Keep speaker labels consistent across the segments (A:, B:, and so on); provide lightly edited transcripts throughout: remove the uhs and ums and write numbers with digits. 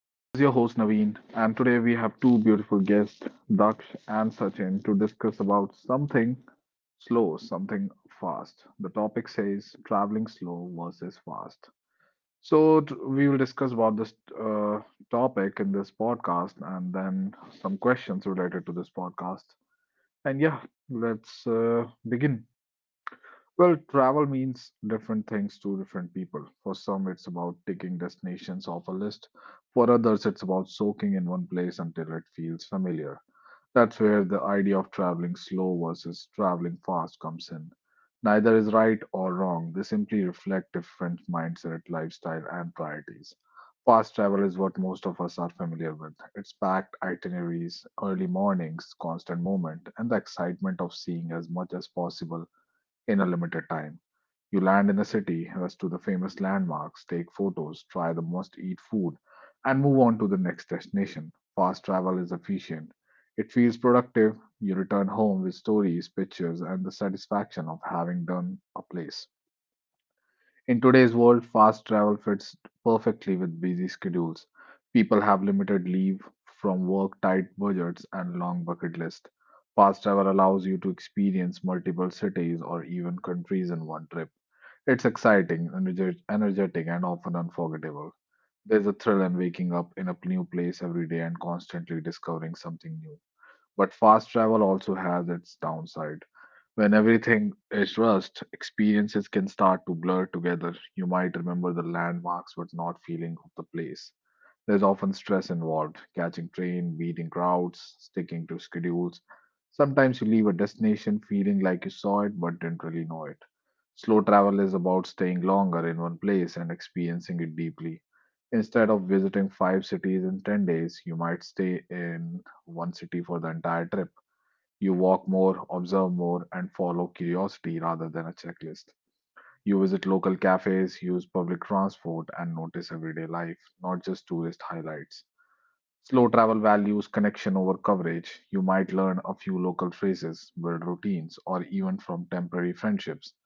A: This is your host Naveen, and today we have two beautiful guests, Daksh and Sachin, to discuss about something slow, something fast. The topic says traveling slow versus fast. So we will discuss about this uh, topic in this podcast, and then some questions related to this podcast. And yeah, let's begin. Well, travel means different things to different people. For some, it's about ticking destinations off a list. For others, it's about soaking in one place until it feels familiar. That's where the idea of traveling slow versus traveling fast comes in. Neither is right or wrong, they simply reflect different mindset, lifestyle, and priorities. Fast travel is what most of us are familiar with. It's packed itineraries, early mornings, constant movement, and the excitement of seeing as much as possible in a limited time. You land in a city, rush to the famous landmarks, take photos, try the must eat food, and move on to the next destination. Fast travel is efficient. It feels productive. You return home with stories, pictures, and the satisfaction of having done a place. In today's world, fast travel fits perfectly with busy schedules. People have limited leave from work, tight budgets, and long bucket lists. Fast travel allows you to experience multiple cities or even countries in one trip. It's exciting, energetic, and often unforgettable. There's a thrill in waking up in a new place every day and constantly discovering something new. But fast travel also has its downside. When everything is rushed, experiences can start to blur together. You might remember the landmarks but not feeling of the place. There's often stress involved, catching train, beating crowds, sticking to schedules. Sometimes you leave a destination feeling like you saw it but didn't really know it. Slow travel is about staying longer in one place and experiencing it deeply. Instead of visiting five cities in 10 days, you might stay in one city for the entire trip. You walk more, observe more, and follow curiosity rather than a checklist. You visit local cafes, use public transport, and notice everyday life, not just tourist highlights. Slow travel values connection over coverage. You might learn a few local phrases, build routines, or even from temporary friendships.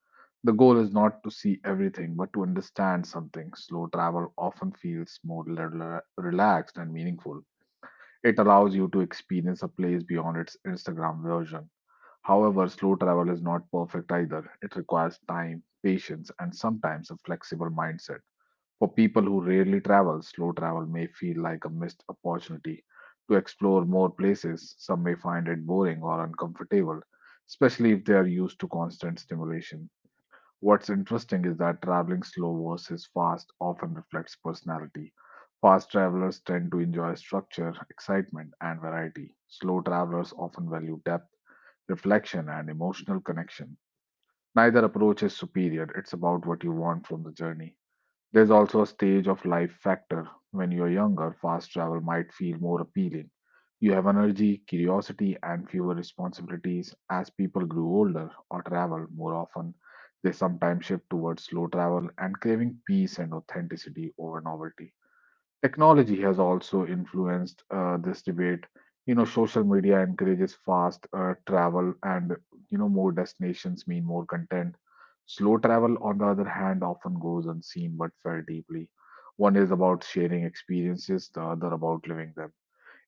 A: The goal is not to see everything, but to understand something. Slow travel often feels more relaxed and meaningful. It allows you to experience a place beyond its Instagram version. However, slow travel is not perfect either. It requires time, patience, and sometimes a flexible mindset. For people who rarely travel, slow travel may feel like a missed opportunity to explore more places. Some may find it boring or uncomfortable, especially if they are used to constant stimulation. What's interesting is that traveling slow versus fast often reflects personality. Fast travelers tend to enjoy structure, excitement, and variety. Slow travelers often value depth, reflection, and emotional connection. Neither approach is superior, it's about what you want from the journey. There's also a stage of life factor. When you're younger, fast travel might feel more appealing. You have energy, curiosity, and fewer responsibilities. As people grew older or travel more often, they sometimes shift towards slow travel and craving peace and authenticity over novelty. Technology has also influenced this debate. Social media encourages fast travel, and more destinations mean more content. Slow travel, on the other hand, often goes unseen but felt deeply. One is about sharing experiences, the other about living them.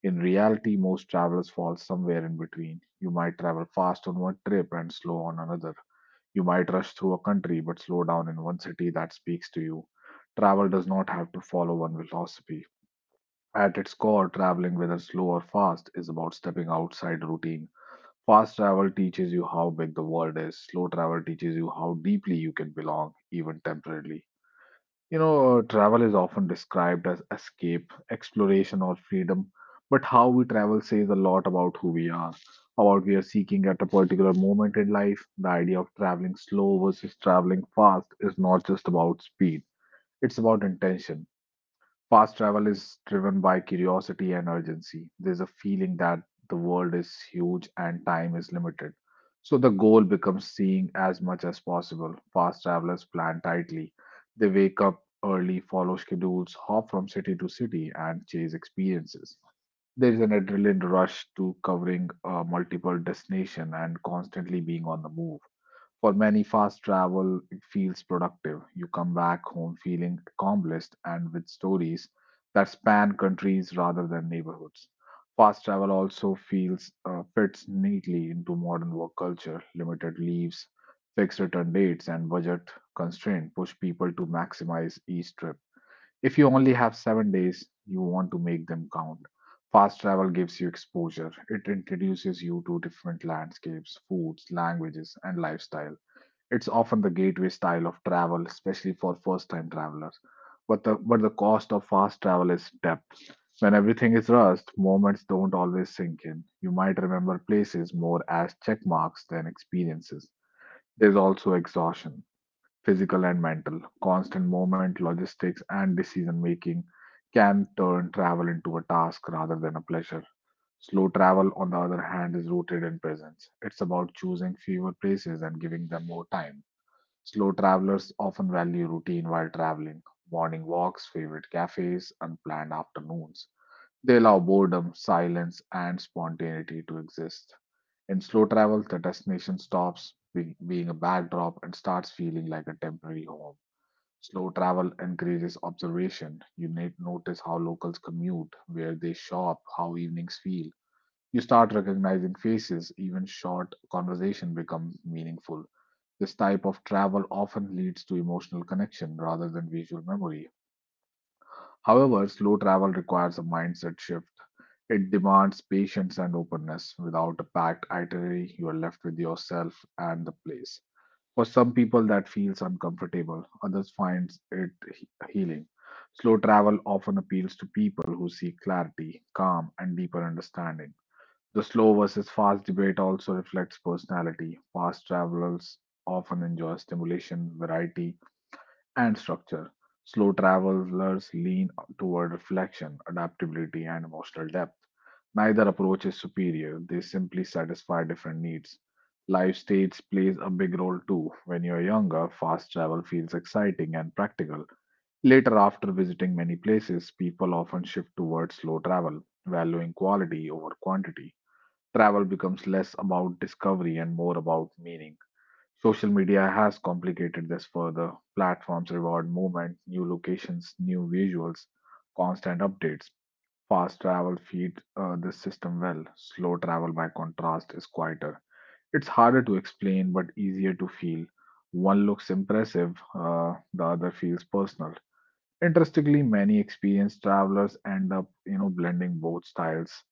A: In reality, most travelers fall somewhere in between. You might travel fast on one trip and slow on another. You might rush through a country but slow down in one city that speaks to you. Travel does not have to follow one philosophy. At its core, traveling, whether slow or fast, is about stepping outside routine. Fast travel teaches you how big the world is. Slow travel teaches you how deeply you can belong, even temporarily. Travel is often described as escape, exploration, or freedom, but how we travel says a lot about who we are, about we are seeking at a particular moment in life. The idea of traveling slow versus traveling fast is not just about speed, it's about intention. Fast travel is driven by curiosity and urgency. There's a feeling that the world is huge and time is limited. So the goal becomes seeing as much as possible. Fast travelers plan tightly. They wake up early, follow schedules, hop from city to city, and chase experiences. There is an adrenaline rush to covering multiple destinations and constantly being on the move. For many, fast travel feels productive. You come back home feeling accomplished and with stories that span countries rather than neighborhoods. Fast travel also feels fits neatly into modern work culture. Limited leaves, fixed return dates, and budget constraint push people to maximize each trip. If you only have 7 days, you want to make them count. Fast travel gives you exposure. It introduces you to different landscapes, foods, languages, and lifestyle. It's often the gateway style of travel, especially for first-time travelers. But the cost of fast travel is depth. When everything is rushed, moments don't always sink in. You might remember places more as check marks than experiences. There's also exhaustion, physical and mental. Constant movement, logistics, and decision making can turn travel into a task rather than a pleasure. Slow travel, on the other hand, is rooted in presence. It's about choosing fewer places and giving them more time. Slow travelers often value routine while traveling, morning walks, favorite cafes, unplanned afternoons. They allow boredom, silence, and spontaneity to exist. In slow travel, the destination stops being a backdrop and starts feeling like a temporary home. Slow travel encourages observation. You need notice how locals commute, where they shop, how evenings feel. You start recognizing faces, even short conversation become meaningful. This type of travel often leads to emotional connection rather than visual memory. However, slow travel requires a mindset shift. It demands patience and openness. Without a packed itinerary, you are left with yourself and the place. For some people, that feels uncomfortable, others find it healing. Slow travel often appeals to people who seek clarity, calm, and deeper understanding. The slow versus fast debate also reflects personality. Fast travelers often enjoy stimulation, variety, and structure. Slow travelers lean toward reflection, adaptability, and emotional depth. Neither approach is superior, they simply satisfy different needs. Life stage plays a big role too. When you're younger, fast travel feels exciting and practical. Later, after visiting many places, people often shift towards slow travel, valuing quality over quantity. Travel becomes less about discovery and more about meaning. Social media has complicated this further. Platforms reward movement, new locations, new visuals, constant updates. Fast travel feeds this system well. Slow travel, by contrast, is quieter. It's harder to explain but easier to feel. One looks impressive, the other feels personal. Interestingly, many experienced travelers end up blending both styles.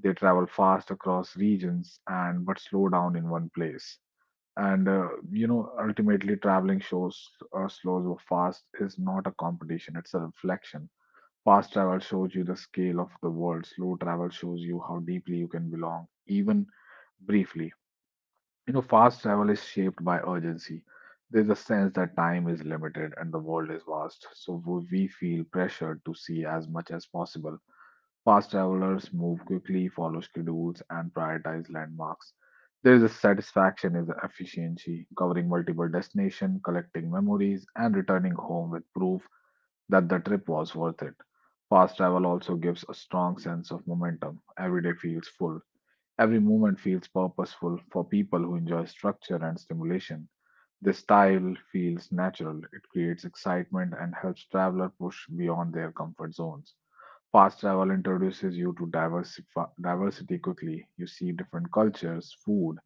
A: They travel fast across regions and but slow down in one place. Ultimately, traveling shows slows or fast is not a competition; it's a reflection. Fast travel shows you the scale of the world. Slow travel shows you how deeply you can belong, even briefly. Fast travel is shaped by urgency. There's a sense that time is limited and the world is vast, so we feel pressured to see as much as possible. Fast travelers move quickly, follow schedules, and prioritize landmarks. There is a satisfaction in the efficiency, covering multiple destinations, collecting memories, and returning home with proof that the trip was worth it. Fast travel also gives a strong sense of momentum. Every day feels full. Every movement feels purposeful for people who enjoy structure and stimulation. The style feels natural. It creates excitement and helps traveler push beyond their comfort zones. Fast travel introduces you to diversity quickly. You see different cultures, food,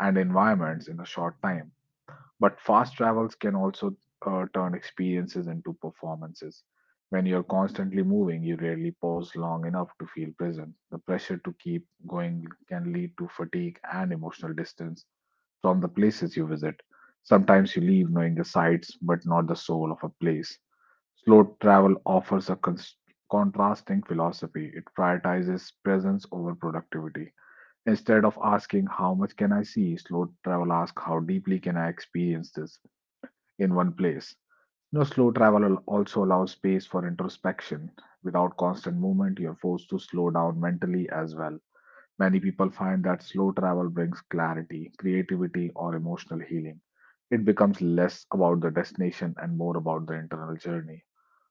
A: and environments in a short time. But fast travels can also turn experiences into performances. When you're constantly moving, you rarely pause long enough to feel present. The pressure to keep going can lead to fatigue and emotional distance from the places you visit. Sometimes you leave knowing the sights but not the soul of a place. Slow travel offers a contrasting philosophy. It prioritizes presence over productivity. Instead of asking, How much can I see? Slow travel asks, How deeply can I experience this? In one place. No slow travel also allows space for introspection. Without constant movement, you're forced to slow down mentally as well. Many people find that slow travel brings clarity, creativity, or emotional healing. It becomes less about the destination and more about the internal journey.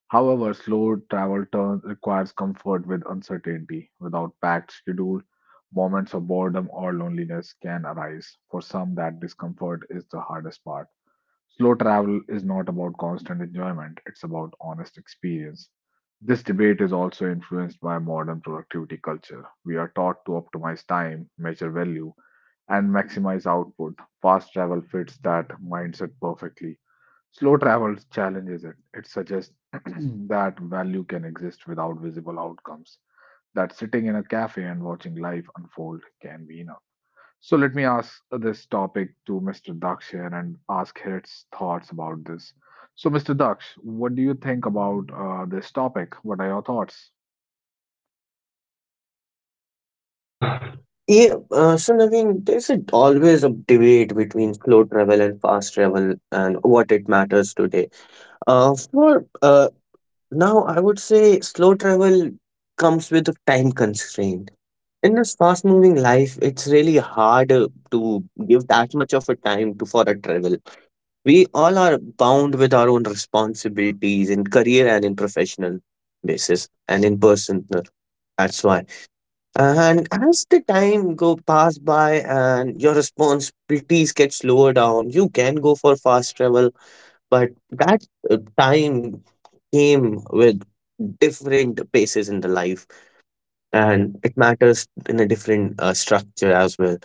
A: However, slow travel turn requires comfort with uncertainty. Without packed schedule, moments of boredom or loneliness can arise. For some, that discomfort is the hardest part. Slow travel is not about constant enjoyment, it's about honest experience. This debate is also influenced by modern productivity culture. We are taught to optimize time, measure value, and maximize output. Fast travel fits that mindset perfectly. Slow travel challenges it. It suggests that value can exist without visible outcomes, that sitting in a cafe and watching life unfold can be enough. So let me ask this topic to Mr. Daksh here and ask his thoughts about this. So, Mr. Daksh, what do you think about this topic? What are your thoughts?
B: Yeah, so Naveen, always a debate between slow travel and fast travel and what it matters today. For now, I would say slow travel comes with a time constraint. In this fast-moving life, it's really hard to give that much of a time to for a travel. We all are bound with our own responsibilities in career and in professional basis and in personal. That's why. Uh-huh. And as the time go pass by and your responsibilities get slower down, you can go for fast travel, but that time came with different paces in the life, and it matters in a different structure as well.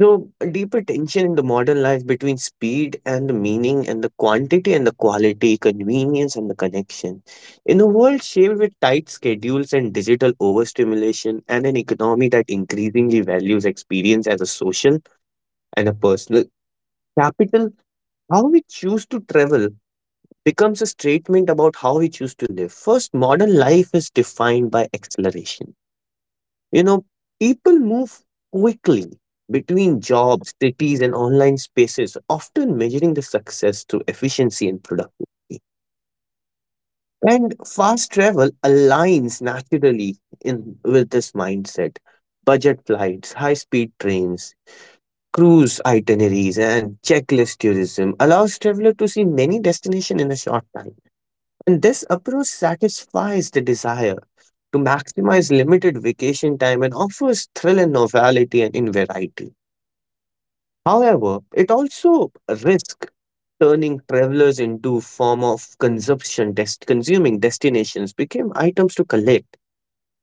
B: So, a deeper tension in the modern life between speed and the meaning, and the quantity and the quality, convenience and the connection. In a world shaped with tight schedules and digital overstimulation, and an economy that increasingly values experience as a social and a personal capital, how we choose to travel becomes a statement about how we choose to live. First, modern life is defined by acceleration you know, people move quickly between jobs, cities, and online spaces, often measuring the success through efficiency and productivity. And fast travel aligns naturally in with this mindset. Budget flights, high-speed trains, cruise itineraries, and checklist tourism allows traveler to see many destinations in a short time, and this approach satisfies the desire to maximize limited vacation time and offers thrill and novelty and in variety. However, it also risks turning travelers into form of consumption consuming destinations became items to collect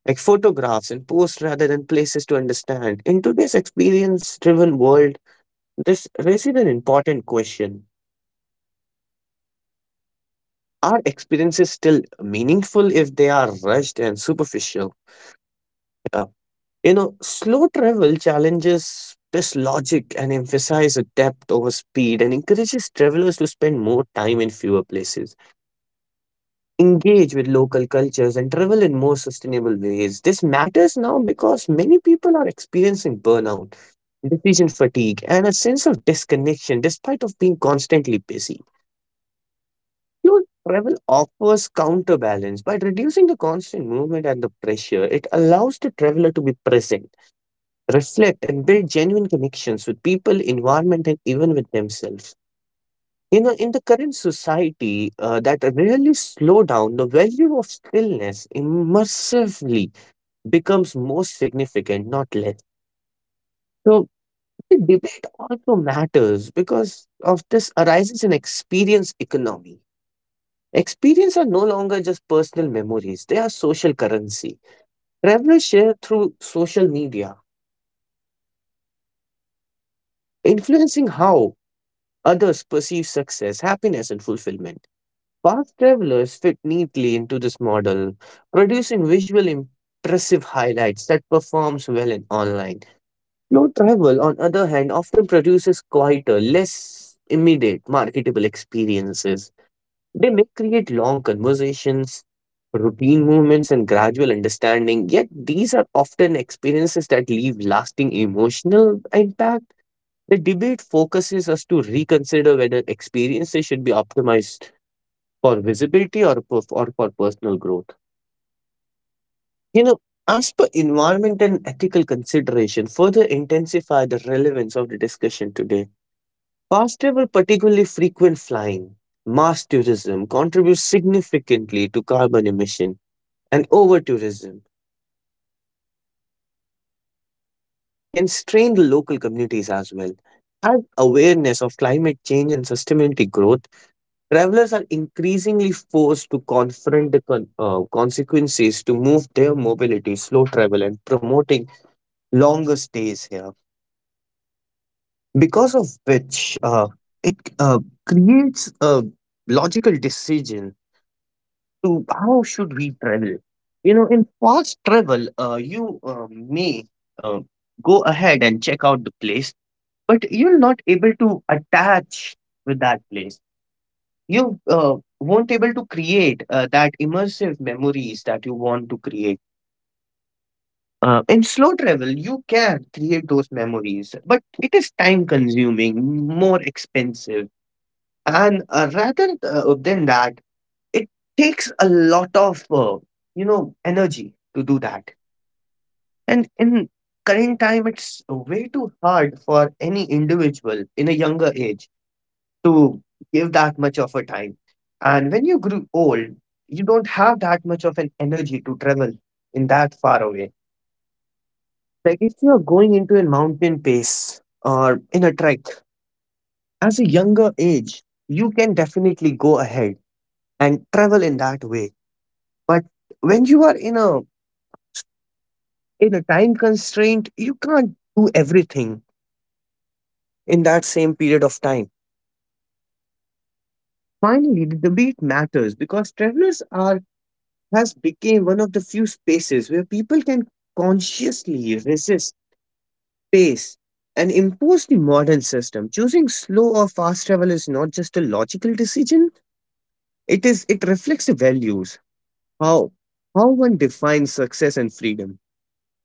B: like photographs and posts rather than places to understand in today's experience driven world. This raises an important question: are experiences still meaningful if they are rushed and superficial? Yeah. You know, slow travel challenges this logic and emphasizes depth over speed and encourages travelers to spend more time in fewer places, engage with local cultures, and travel in more sustainable ways. This matters now because many people are experiencing burnout, decision fatigue, and a sense of disconnection despite of being constantly busy. Slow travel offers counterbalance by reducing the constant movement and the pressure. It allows the traveler to be present, reflect, and build genuine connections with people, environment, and even with themselves. You know, in the current society that really slow down, the value of stillness immersively becomes more significant, not less. So the debate also matters because of this arises in experience economy. Experience are no longer just personal memories; they are social currency. Travelers share through social media, influencing how others perceive success, happiness, and fulfillment. Fast travelers fit neatly into this model, producing visual impressive highlights that performs well in online. Slow travel, on other hand, often produces quieter, less immediate marketable experiences. They may create long conversations, routine movements, and gradual understanding, yet these are often experiences that leave lasting emotional impact. The debate focuses us to reconsider whether experiences should be optimized for visibility or for personal growth. You know, as per environment and ethical consideration, further intensify the relevance of the discussion today. Fast travel, particularly frequent flying, mass tourism contributes significantly to carbon emission, and over tourism can strain the local communities as well. As awareness of climate change and sustainability growth, travelers are increasingly forced to confront the consequences to move their mobility, slow travel, and promoting longer stays here. Because of which, it creates a logical decision to how should we travel. You know, in fast travel, you may uh, go ahead and check out the place, but you're not able to attach with that place. You won't able to create that immersive memories that you want to create. In slow travel you can create those memories, but it is time consuming, more expensive, and rather than that, it takes a lot of energy to do that, and in current time it's way too hard for any individual in a younger age to give that much of a time. And when you grew old, you don't have that much of an energy to travel in that far away. Like if you're going into a mountain pace or in a trek, as a younger age, you can definitely go ahead and travel in that way. But when you are in a time constraint, you can't do everything in that same period of time. Finally, the debate matters because travelers are has become one of the few spaces where people can consciously resist pace and impose the modern system. Choosing slow or fast travel is not just a logical decision, it reflects the values, how how one defines success and freedom.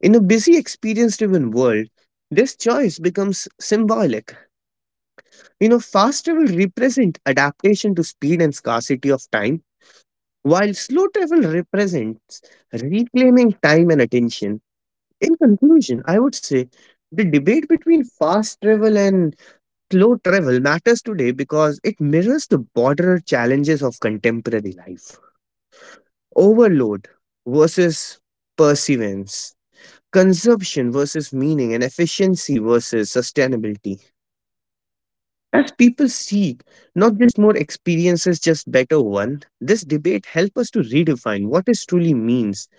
B: In a busy experience driven world, this choice becomes symbolic. You know, fast travel represent adaptation to speed and scarcity of time, while slow travel represents reclaiming time and attention. In conclusion, I would say the debate between fast travel and slow travel matters today because it mirrors the broader challenges of contemporary life. Overload versus perseverance, consumption versus meaning, and efficiency versus sustainability. As people seek not just more experiences, just better one, this debate helps us to redefine what it truly means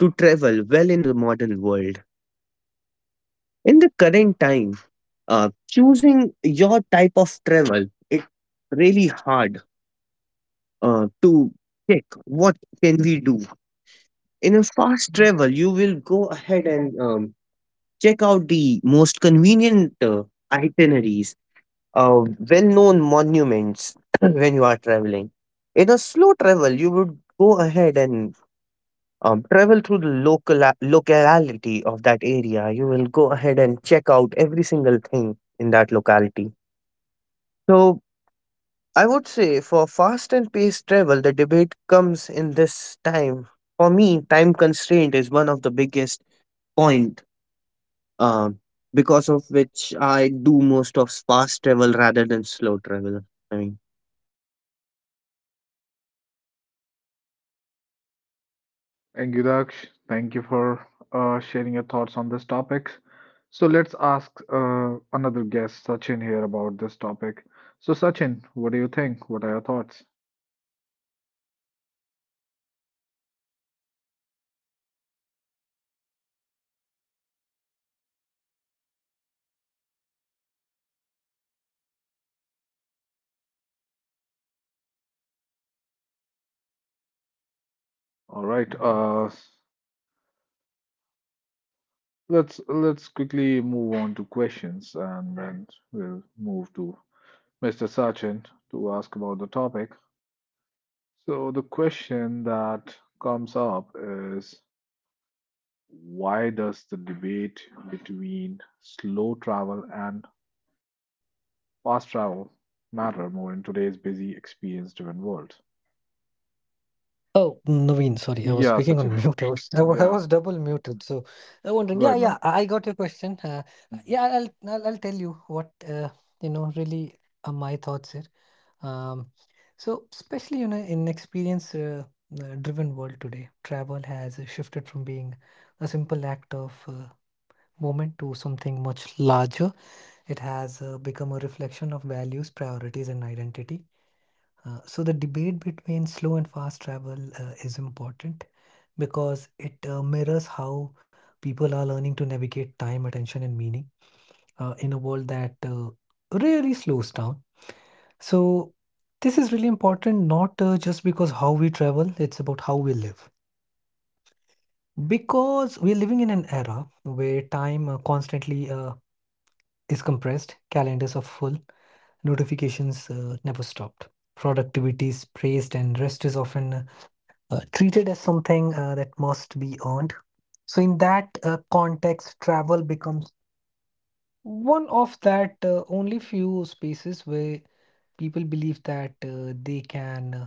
B: to travel well in the modern world. In the current time, choosing your type of travel, it's really hard to check what can we do. In a fast travel, you will go ahead and check out the most convenient itineraries, uh, well-known monuments when you are traveling. In a slow travel, you would go ahead and travel through the local locality of that area. You will go ahead and check out every single thing in that locality. So I would say for fast and paced travel, the debate comes in this time. For me, time constraint is one of the biggest point, um, because of which I do most of fast travel rather than slow travel. I mean,
A: Thank you, Daksh. Thank you for sharing your thoughts on this topic. So let's ask another guest, Sachin, here about this topic. So, Sachin, what do you think? What are your thoughts? All right. Let's quickly move on to questions, and then we'll move to Mr. Sachin to ask about the topic. So, the question that comes up is why does the debate between slow travel and fast travel matter more in today's busy, experience driven world?
C: Oh, Naveen, sorry. I was
A: Yeah,
C: speaking on
A: Sachin.
C: mute. I
A: Yeah,
C: was double muted. So I wondering,
A: go
C: yeah,
A: ahead,
C: yeah,
A: man.
C: I got your question. Uh,
A: Mhm.
C: yeah, I'll tell you what, really are my thoughts here. Um, so especially, you know, in experience driven world today, travel has shifted from being a simple act of moment to something much larger. It has become a reflection of values, priorities, and identity. So the debate between slow and fast travel is important because it mirrors how people are learning to navigate time, attention, and meaning in a world that really slows down. So this is really important, not just because how we travel, it's about how we live. Because we're living in an era where time constantly is compressed, calendars are full, notifications never stopped, productivity is praised, and rest is often treated as something that must be earned. So, in that context, travel becomes one of that only few spaces where people believe that they can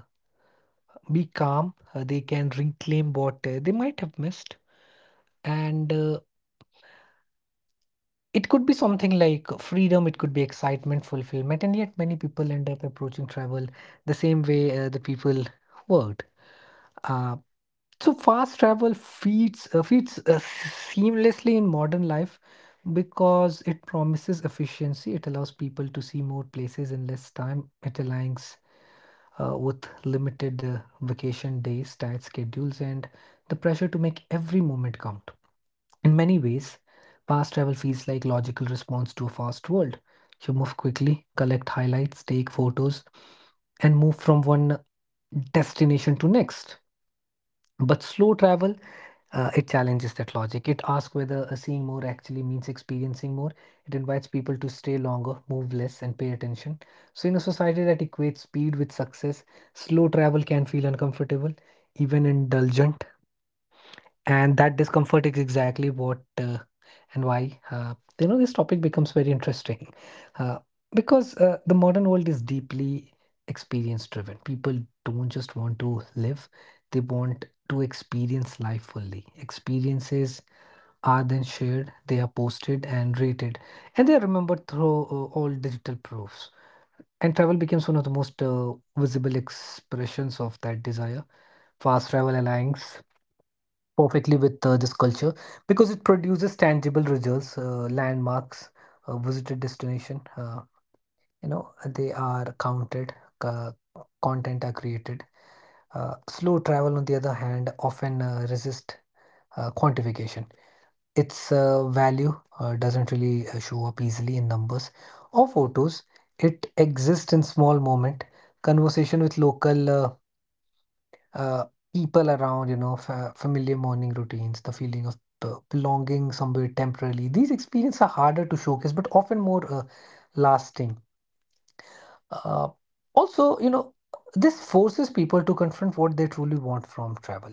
C: be calm, they can reclaim what they might have missed. And it could be something like freedom, it could be excitement, fulfillment, and yet many people end up approaching travel the same way the people worked. Uh, So fast travel feeds seamlessly in modern life because it promises efficiency. It allows people to see more places in less time. It aligns with limited vacation days, tight schedules, and the pressure to make every moment count. In many ways, fast travel feels like logical response to a fast world. You move quickly, collect highlights, take photos, and move from one destination to next. But slow travel it challenges that logic. It asks whether seeing more actually means experiencing more. It invites people to stay longer, move less, and pay attention. So, in a society that equates speed with success, slow travel can feel uncomfortable, even indulgent, and that discomfort is exactly what and why this topic becomes very interesting uh, because the modern world is deeply experience driven. People don't just want to live, they want to experience life fully. Experiences are then shared, they are posted and rated, and they are remembered through all digital proofs. And travel becomes one of the most visible expressions of that desire. Fast travel airlines perfectly with this culture because it produces tangible results. Landmarks, visited destination, you know they are counted, uh, content are created. Slow travel, on the other hand, often resist quantification. Its value doesn't really show up easily in numbers or photos. It exists in small moment, conversation with local uh, people around, you know, familiar morning routines, the feeling of belonging somewhere temporarily. These experiences are harder to showcase, but often more lasting. Uh, also, you know, this forces people to confront what they truly want from travel.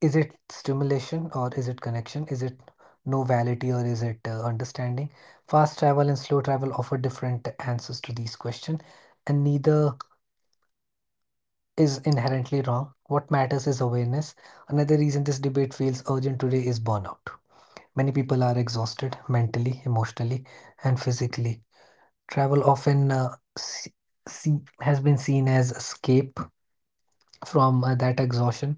C: Is it stimulation or is it connection? Is it novelty or is it understanding? Fast travel and slow travel offer different answers to these questions, and neither is inherently wrong. What matters is awareness. Another reason this debate feels urgent today is burnout. Many people are exhausted mentally, emotionally, and physically. Travel often see, has been seen as escape from that exhaustion.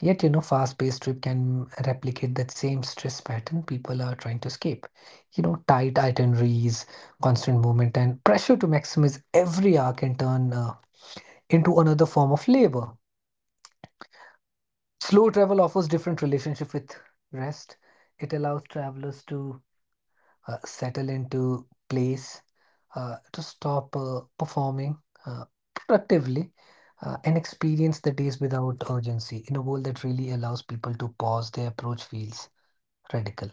C: Yet, you know, fast-paced trip can replicate that same stress pattern people are trying to escape. You know, tight itineraries, constant movement, and pressure to maximize every hour can turn into another form of labor. Slow travel offers different relationship with rest. It allows travelers to settle into place, to stop performing uh, productively, and experience the days without urgency in a world that really allows people to pause. Their approach feels radical.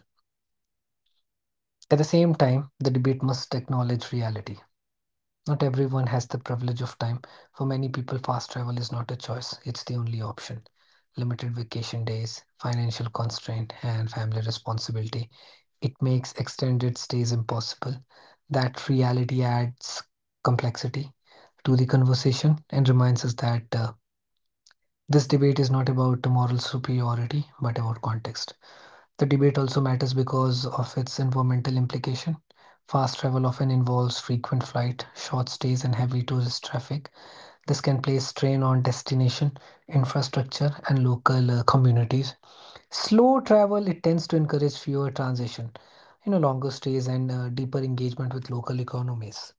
C: At the same time, the debate must acknowledge reality. Not everyone has the privilege of time. For many people, fast travel is not a choice, it's the only option. Limited vacation days, financial constraint, and family responsibility. It makes extended stays impossible. That reality adds complexity to the conversation and reminds us that this debate is not about moral superiority, but about context. The debate also matters because of its environmental implication. Fast travel often involves frequent flight, short stays, and heavy tourist traffic. This can place strain on destination, infrastructure, and local communities. Slow travel, it tends to encourage fewer transition, you know, longer stays and deeper engagement with local economies.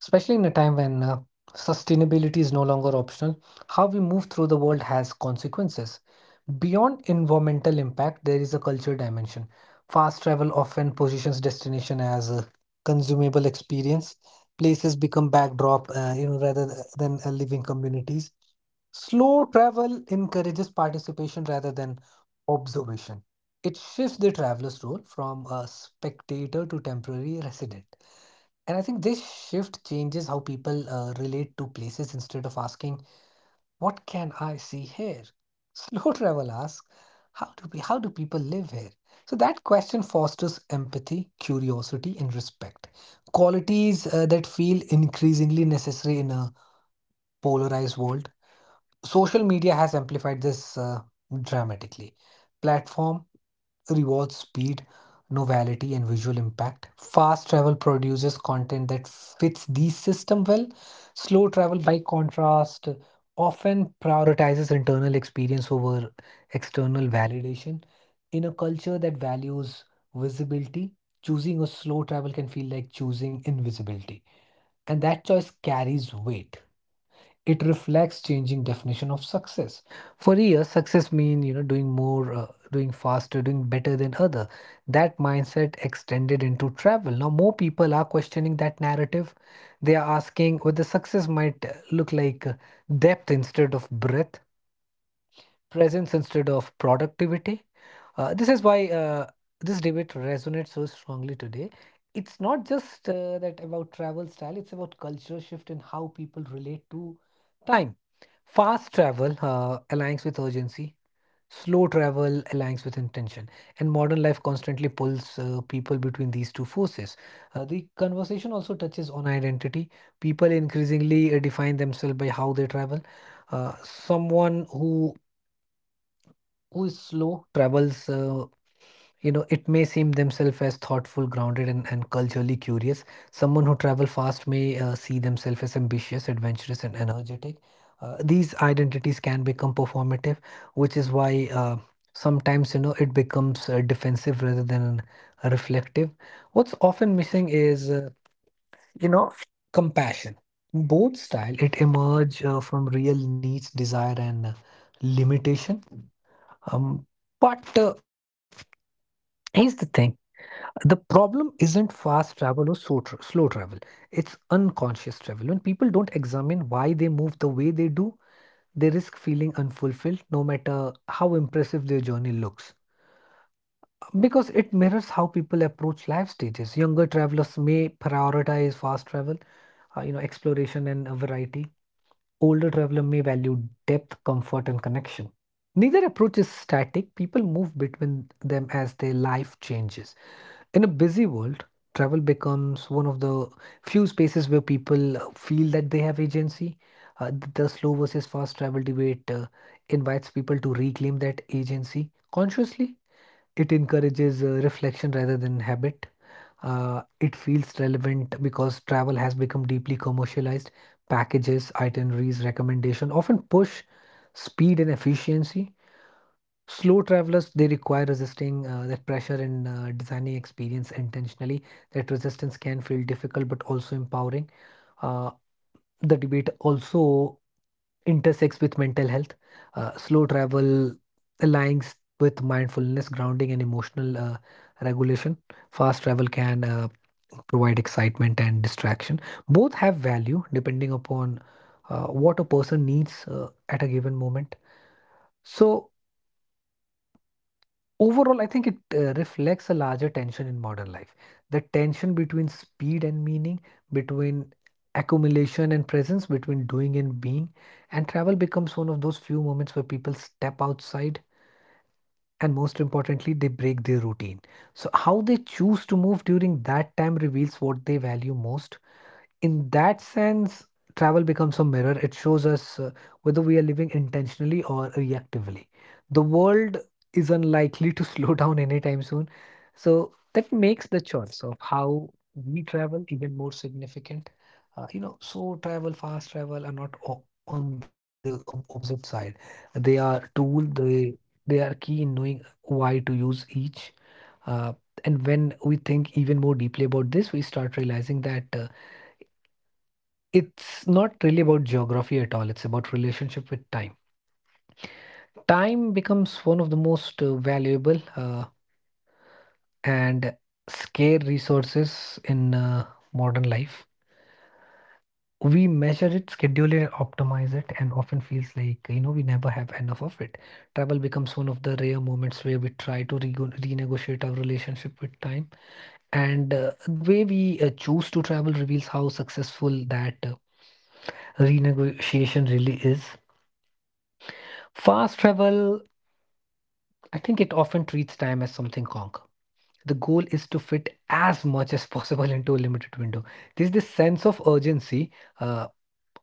C: Especially in a time when sustainability is no longer optional, how we move through the world has consequences. Beyond environmental impact, there is a culture dimension. Fast travel often positions destination as a consumable experience. Places become backdrop, rather than living communities. Slow travel encourages participation rather than observation. It shifts the traveler's role from a spectator to temporary resident. And I think this shift changes how people relate to places. Instead of asking, what can I see here? Slow travel asks, how do people live here? So that question fosters empathy, curiosity, and respect. Qualities that feel increasingly necessary in a polarized world. Social media has amplified this dramatically. Platform rewards speed, novelty, and visual impact. Fast travel produces content that fits these system well. Slow travel, by contrast, often prioritizes internal experience over external validation. In a culture that values visibility, choosing a slow travel can feel like choosing invisibility, and that choice carries weight. It reflects changing definition of success. For years success mean, you know, doing more, doing faster, doing better than other. That mindset extended into travel. Now more people are questioning that narrative. They are asking whether success might look like depth instead of breadth, presence instead of productivity. This is why this debate resonates so strongly today. It's not just that about travel style, it's about cultural shift in how people relate to time. Fast travel aligns with urgency, slow travel aligns with intention, and modern life constantly pulls people between these two forces. The conversation also touches on identity. People increasingly define themselves by how they travel. Someone who is slow travels, it may seem themselves as thoughtful, grounded, and culturally curious. Someone who travel fast may see themselves as ambitious, adventurous, and energetic. These identities can become performative, which is why sometimes, you know, it becomes defensive rather than reflective. What's often missing is you know compassion. Both style it emerge from real needs, desire, and limitation. Um, but Here's the thing. The problem isn't fast travel or slow travel. It's unconscious travel. When people don't examine why they move the way they do, they risk feeling unfulfilled no matter how impressive their journey looks. Because it mirrors how people approach life stages. Younger travelers may prioritize fast travel, exploration and variety. Older traveler may value depth, comfort, and connection. Neither approach is static. People move between them as their life changes. In a busy world, travel becomes one of the few spaces where people feel that they have agency. The slow versus fast travel debate invites people to reclaim that agency consciously. It encourages reflection rather than habit. It feels relevant because travel has become deeply commercialized. Packages, itineraries, recommendation often push speed and efficiency. Slow travelers, they require resisting that pressure and designing experience intentionally. That resistance can feel difficult but also empowering. Uh, the debate also intersects with mental health. Slow travel aligns with mindfulness, grounding, and emotional regulation. Fast travel can provide excitement and distraction. Both have value depending upon what a person needs at a given moment. So, Overall, I think it reflects a larger tension in modern life. The tension between speed and meaning, between accumulation and presence, between doing and being. And travel becomes one of those few moments where people step outside and, most importantly, they break their routine. So, how they choose to move during that time reveals what they value most. In that sense, travel becomes a mirror. It shows us whether we are living intentionally or reactively. The world is unlikely to slow down anytime soon. So that makes the choice of how we travel even more significant. So travel, fast travel are not on the opposite side. They are tool, they are key in knowing why to use each. Uh, and when we think even more deeply about this, we start realizing that it's not really about geography at all. It's about relationship with time. Time becomes one of the most valuable and scarce resources in modern life. We measure it, schedule it, optimize it, and often feels like we never have enough of it. Travel becomes one of the rare moments where we try to rego renegotiate our relationship with time, and the way we choose to travel reveals how successful that renegotiation really is. Fast travel, I think it often treats time as something conk. The goal is to fit as much as possible into a limited window. There's this sense of urgency, uh,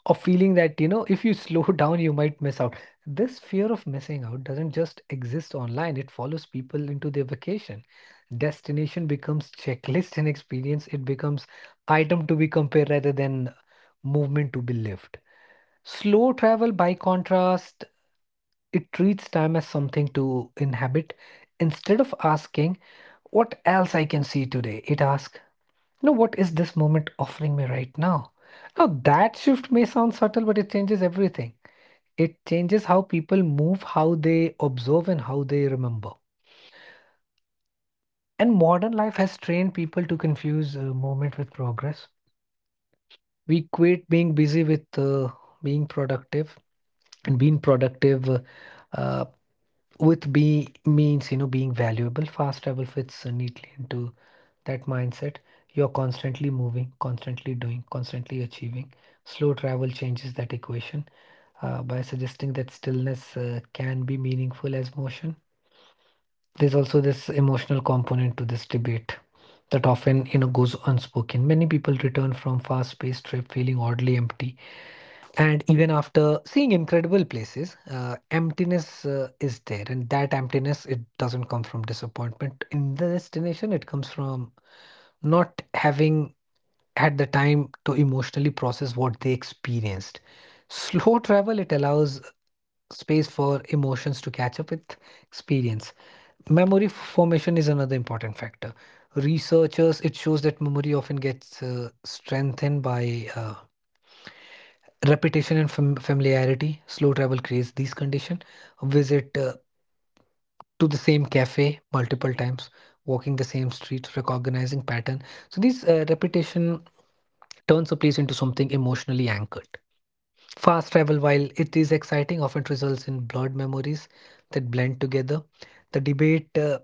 C: of feeling that, if you slow down, you might miss out. This fear of missing out doesn't just exist online, it follows people into their vacation. Destination becomes checklist and experience, it becomes item to be compared rather than movement to be lived. Slow travel, by contrast, it treats time as something to inhabit. Instead of asking what else I can see today? It asks, what is this moment offering me right now? Now, that shift may sound subtle, but it changes everything. It changes how people move, how they observe, and how they remember. And modern life has trained people to confuse moment with progress. We quit being busy with being productive, and being productive uh, with be means being valuable. Fast travel fits neatly into that mindset. You're constantly moving, constantly doing, constantly achieving. Slow travel changes that equation by suggesting that stillness can be meaningful as motion. There's also this emotional component to this debate that often goes unspoken. Many people return from fast-paced trip feeling oddly empty, and even after seeing incredible places, emptiness is there, and that emptiness, it doesn't come from disappointment in the destination. It comes from not having at the time to emotionally process what they experienced. Slow travel, it allows space for emotions to catch up with experience. Memory formation is another important factor. Researchers, it shows that memory often gets strengthened by repetition and familiarity. Slow travel creates these conditions. Visit to the same cafe multiple times, walking the same street, recognizing pattern. So these repetition turns a place into something emotionally anchored. Fast travel, while it is exciting, often results in blurred memories that blend together. The debate,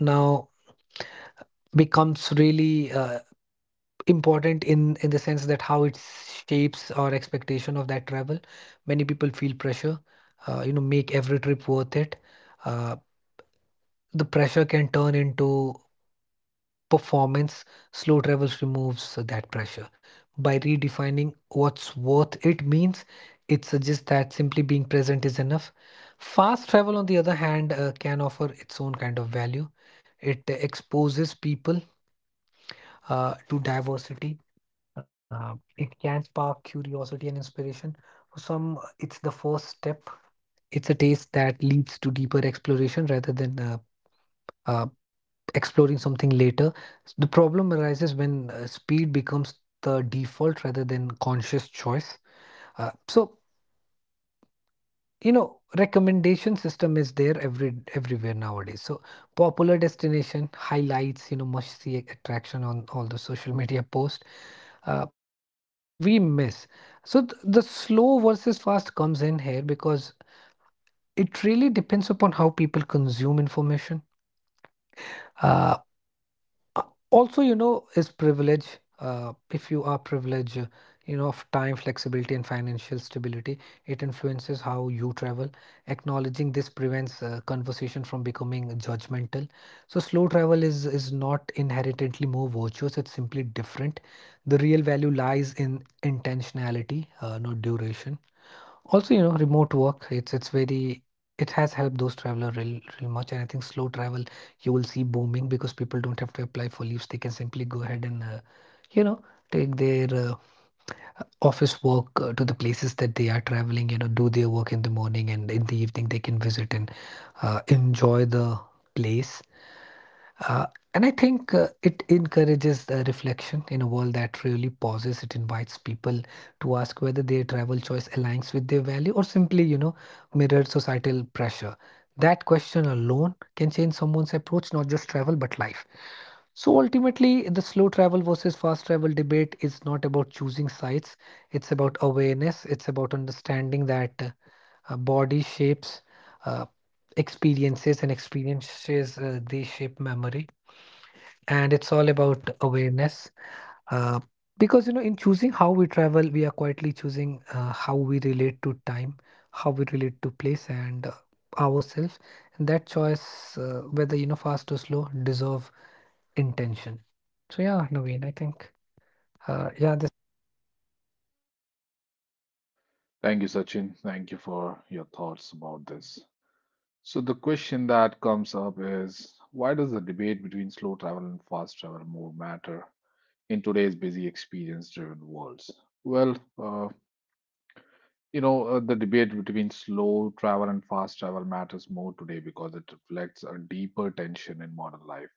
C: now, becomes really important in the sense that how it shapes our expectation of that travel. Many people feel pressure, make every trip worth it. Uh, the pressure can turn into performance. Slow travels removes that pressure. By redefining what's worth it means, it suggests that simply being present is enough. Fast travel, on the other hand, can offer its own kind of value. It exposes people to diversity. It can spark curiosity and inspiration. For some, it's the first step. It's a taste that leads to deeper exploration rather than uh, exploring something later. The problem arises when speed becomes the default rather than conscious choice. So recommendation system is there everywhere nowadays. So popular destination highlights, must see attraction on all the social media posts. Uh, so which we miss. So the slow versus fast comes in here because it really depends upon how people consume information. Uh, Uh, Also, is privilege. If you are privileged, of time flexibility and financial stability, it influences how you travel. Acknowledging this prevents conversation from becoming judgmental. So slow travel is not inherently more virtuous, it's simply different. The real value lies in intentionality, not duration. Also, remote work, it's very, it has helped those traveler real much. And I think slow travel you will see booming because people don't have to apply for leaves. They can simply go ahead and you know take their office work to the places that they are traveling. You know, do their work in the morning and in the evening they can visit and enjoy the place, uh, and I think it encourages the reflection in a world that really pauses. It invites people to ask whether their travel choice aligns with their value or simply, mirrors societal pressure. That question alone can change someone's approach, not just travel, but life. So ultimately, the slow travel versus fast travel debate is not about choosing sites. It's about awareness. It's about understanding that body shapes uh, experiences, and experiences they shape memory, and it's all about awareness, uh, because in choosing how we travel we are quietly choosing how we relate to time, how we relate to place and ourselves, and that choice, whether fast or slow, deserve intention. So yeah, Naveen, I think yeah, this is what it is.
A: Thank you, Sachin. Thank you for your thoughts about this. So, the question that comes up is why does the debate between slow travel and fast travel more matter in today's busy experience driven worlds? Well, uh, the debate between slow travel and fast travel matters more today because it reflects a deeper tension in modern life,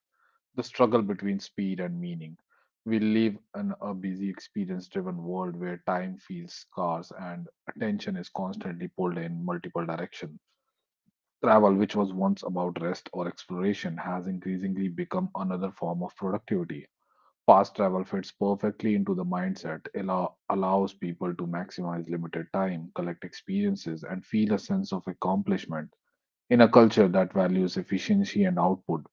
A: the struggle between speed and meaning. We live in a busy experience driven world where time feels scarce and attention is constantly pulled in multiple directions. Travel, which was once about rest or exploration, has increasingly become another form of productivity. Fast travel fits perfectly into the mindset, allows people to maximize limited time, collect experiences, and feel a sense of accomplishment. In a culture that values efficiency and output,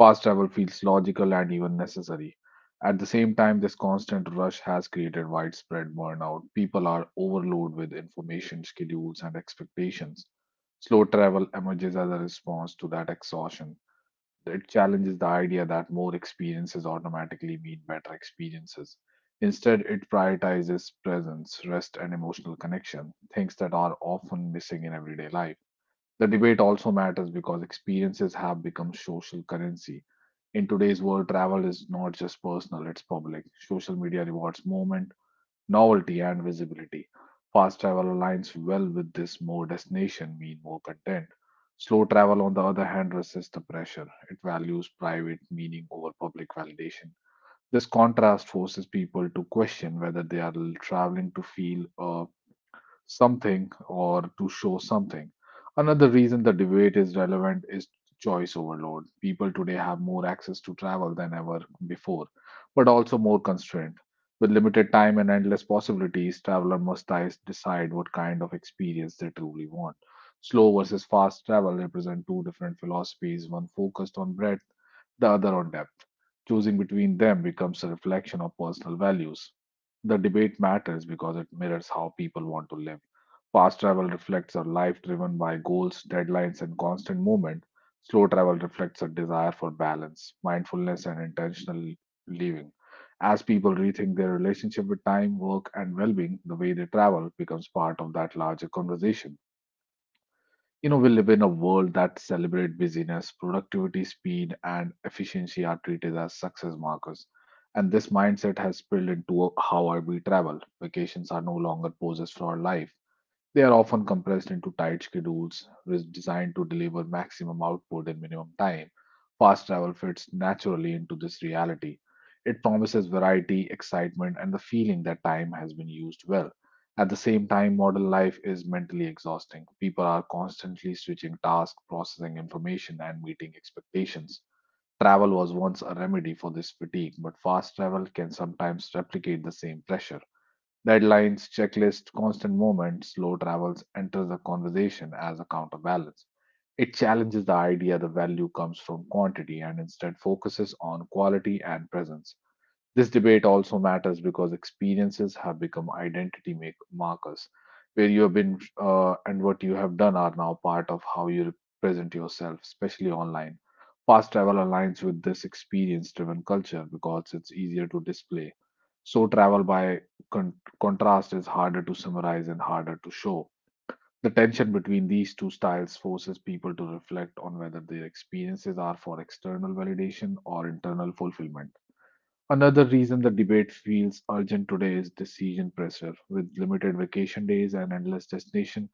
A: fast travel feels logical and even necessary. At the same time, this constant rush has created widespread burnout. People are overloaded with information, schedules, and expectations. Slow travel emerges as a response to that exhaustion. It challenges the idea that more experiences automatically mean better experiences. Instead, it prioritizes presence, rest, and emotional connection, things that are often missing in everyday life. The debate also matters because experiences have become social currency. In today's world, travel is not just personal, it's public. Social media rewards moments, novelty, and visibility. Fast travel aligns well with this: more destination, mean more content. Slow travel, on the other hand, resists the pressure. It values private meaning over public validation. This contrast forces people to question whether they are traveling to feel a something or to show something. Another reason the debate is relevant is choice overload. People today have more access to travel than ever before, but also more constraint. With limited time and endless possibilities, traveler must decide what kind of experience they truly want. Slow versus fast travel represent two different philosophies, one focused on breadth, the other on depth. Choosing between them becomes a reflection of personal values. The debate matters because it mirrors how people want to live. Fast travel reflects a life driven by goals, deadlines, and constant movement. Slow travel reflects a desire for balance, mindfulness, and intentional living. As people rethink their relationship with time, work, and well being, the way they travel becomes part of that larger conversation. You know, we live in a world that celebrates busyness, productivity, speed, and efficiency are treated as success markers. And this mindset has spilled into how I we travel. Vacations are no longer poses for life. They are often compressed into tight schedules designed to deliver maximum output in minimum time. Fast travel fits naturally into this reality. It promises variety, excitement, and the feeling that time has been used well. At the same time, modern life is mentally exhausting. People are constantly switching tasks, processing information, and meeting expectations. Travel was once a remedy for this fatigue, but fast travel can sometimes replicate the same pressure. Deadlines, checklists, constant movement, slow travels enters the conversation as a counterbalance. It challenges the idea the value comes from quantity and instead focuses on quality and presence. This debate also matters because experiences have become identity make markers, where you have been and what you have done are now part of how you present yourself, especially online. Fast travel aligns with this experience driven culture because it's easier to display. So, travel by con- contrast is harder to summarize and harder to show. The tension between these two styles forces people to reflect on whether their experiences are for external validation or internal fulfillment. Another reason the debate feels urgent today is decision pressure. With limited vacation days and endless destination,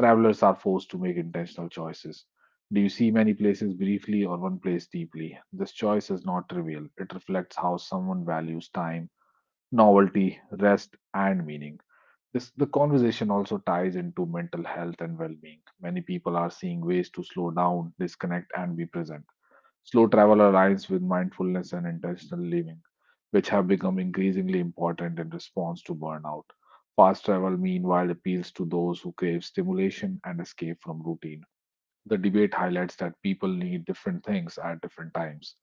A: travelers are forced to make intentional choices. Do you see many places briefly or one place deeply? This choice is not trivial. It reflects how someone values time, novelty, rest, and meaning. This, the conversation also ties into mental health and well being. Many people are seeing ways to slow down, disconnect, and be present. Slow travel aligns with mindfulness and intentional living, which have become increasingly important in response to burnout. Fast travel, meanwhile, appeals to those who crave stimulation and escape from routine. The debate highlights that people need different things at different times.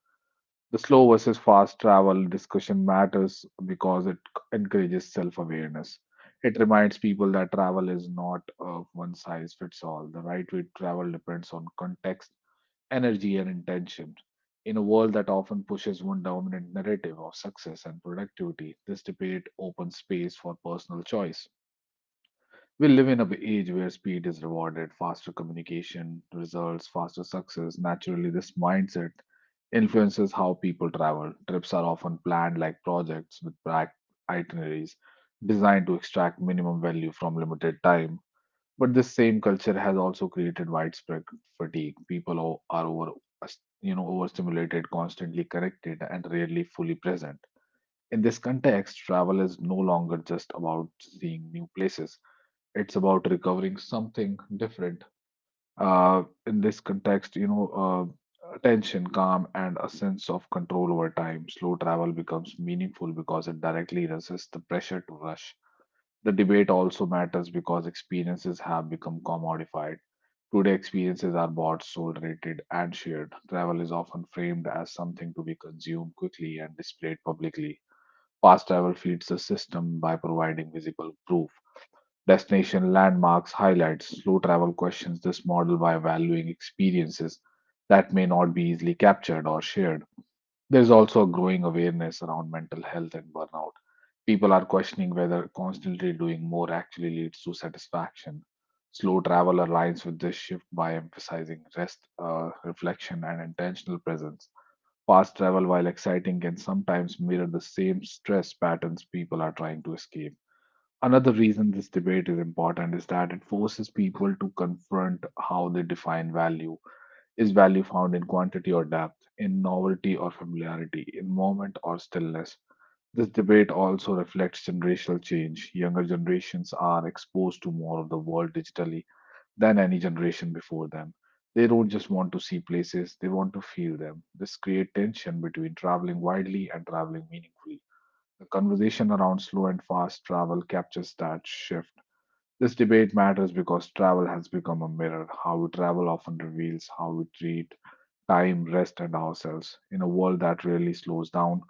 A: The slow versus fast travel discussion matters because it encourages self awareness. It reminds people that travel is not a one size fits all. The right way to travel depends on context, energy and intention. In a world that often pushes one dominant narrative of success and productivity, this debate opens space for personal choice. We live in an age where speed is rewarded, faster communication results, faster success. Naturally, this mindset influences how people travel. Trips are often planned like projects with packed itineraries designed to extract minimum value from limited time. But this same culture has also created widespread fatigue. People are over, you know, overstimulated, constantly corrected, and rarely fully present. In this context, travel is no longer just about seeing new places. It's about recovering something different. In this context, you know, attention, calm, and a sense of control over time. Slow travel becomes meaningful because it directly resists the pressure to rush. The debate also matters because experiences have become commodified. Today, experiences are bought, sold, rated, and shared. Travel is often framed as something to be consumed quickly and displayed publicly. Fast travel feeds the system by providing visible proof. Destination landmarks highlights. Slow travel questions this model by valuing experiences that may not be easily captured or shared. There's also a growing awareness around mental health and burnout. People are questioning whether constantly doing more actually leads to satisfaction. Slow travel aligns with this shift by emphasizing rest, reflection, and intentional presence. Fast travel, while exciting, can sometimes mirror the same stress patterns people are trying to escape. Another reason this debate is important is that it forces people to confront how they define value, is value found in quantity or depth, in novelty or familiarity, in moment or stillness? This debate also reflects generational change. Younger generations are exposed to more of the world digitally than any generation before them. They don't just want to see places, they want to feel them. This creates tension between traveling widely and traveling meaningfully. The conversation around slow and fast travel captures that shift. This debate matters because travel has become a mirror. How we travel often reveals how we treat time, rest, and ourselves. In a world that really slows down,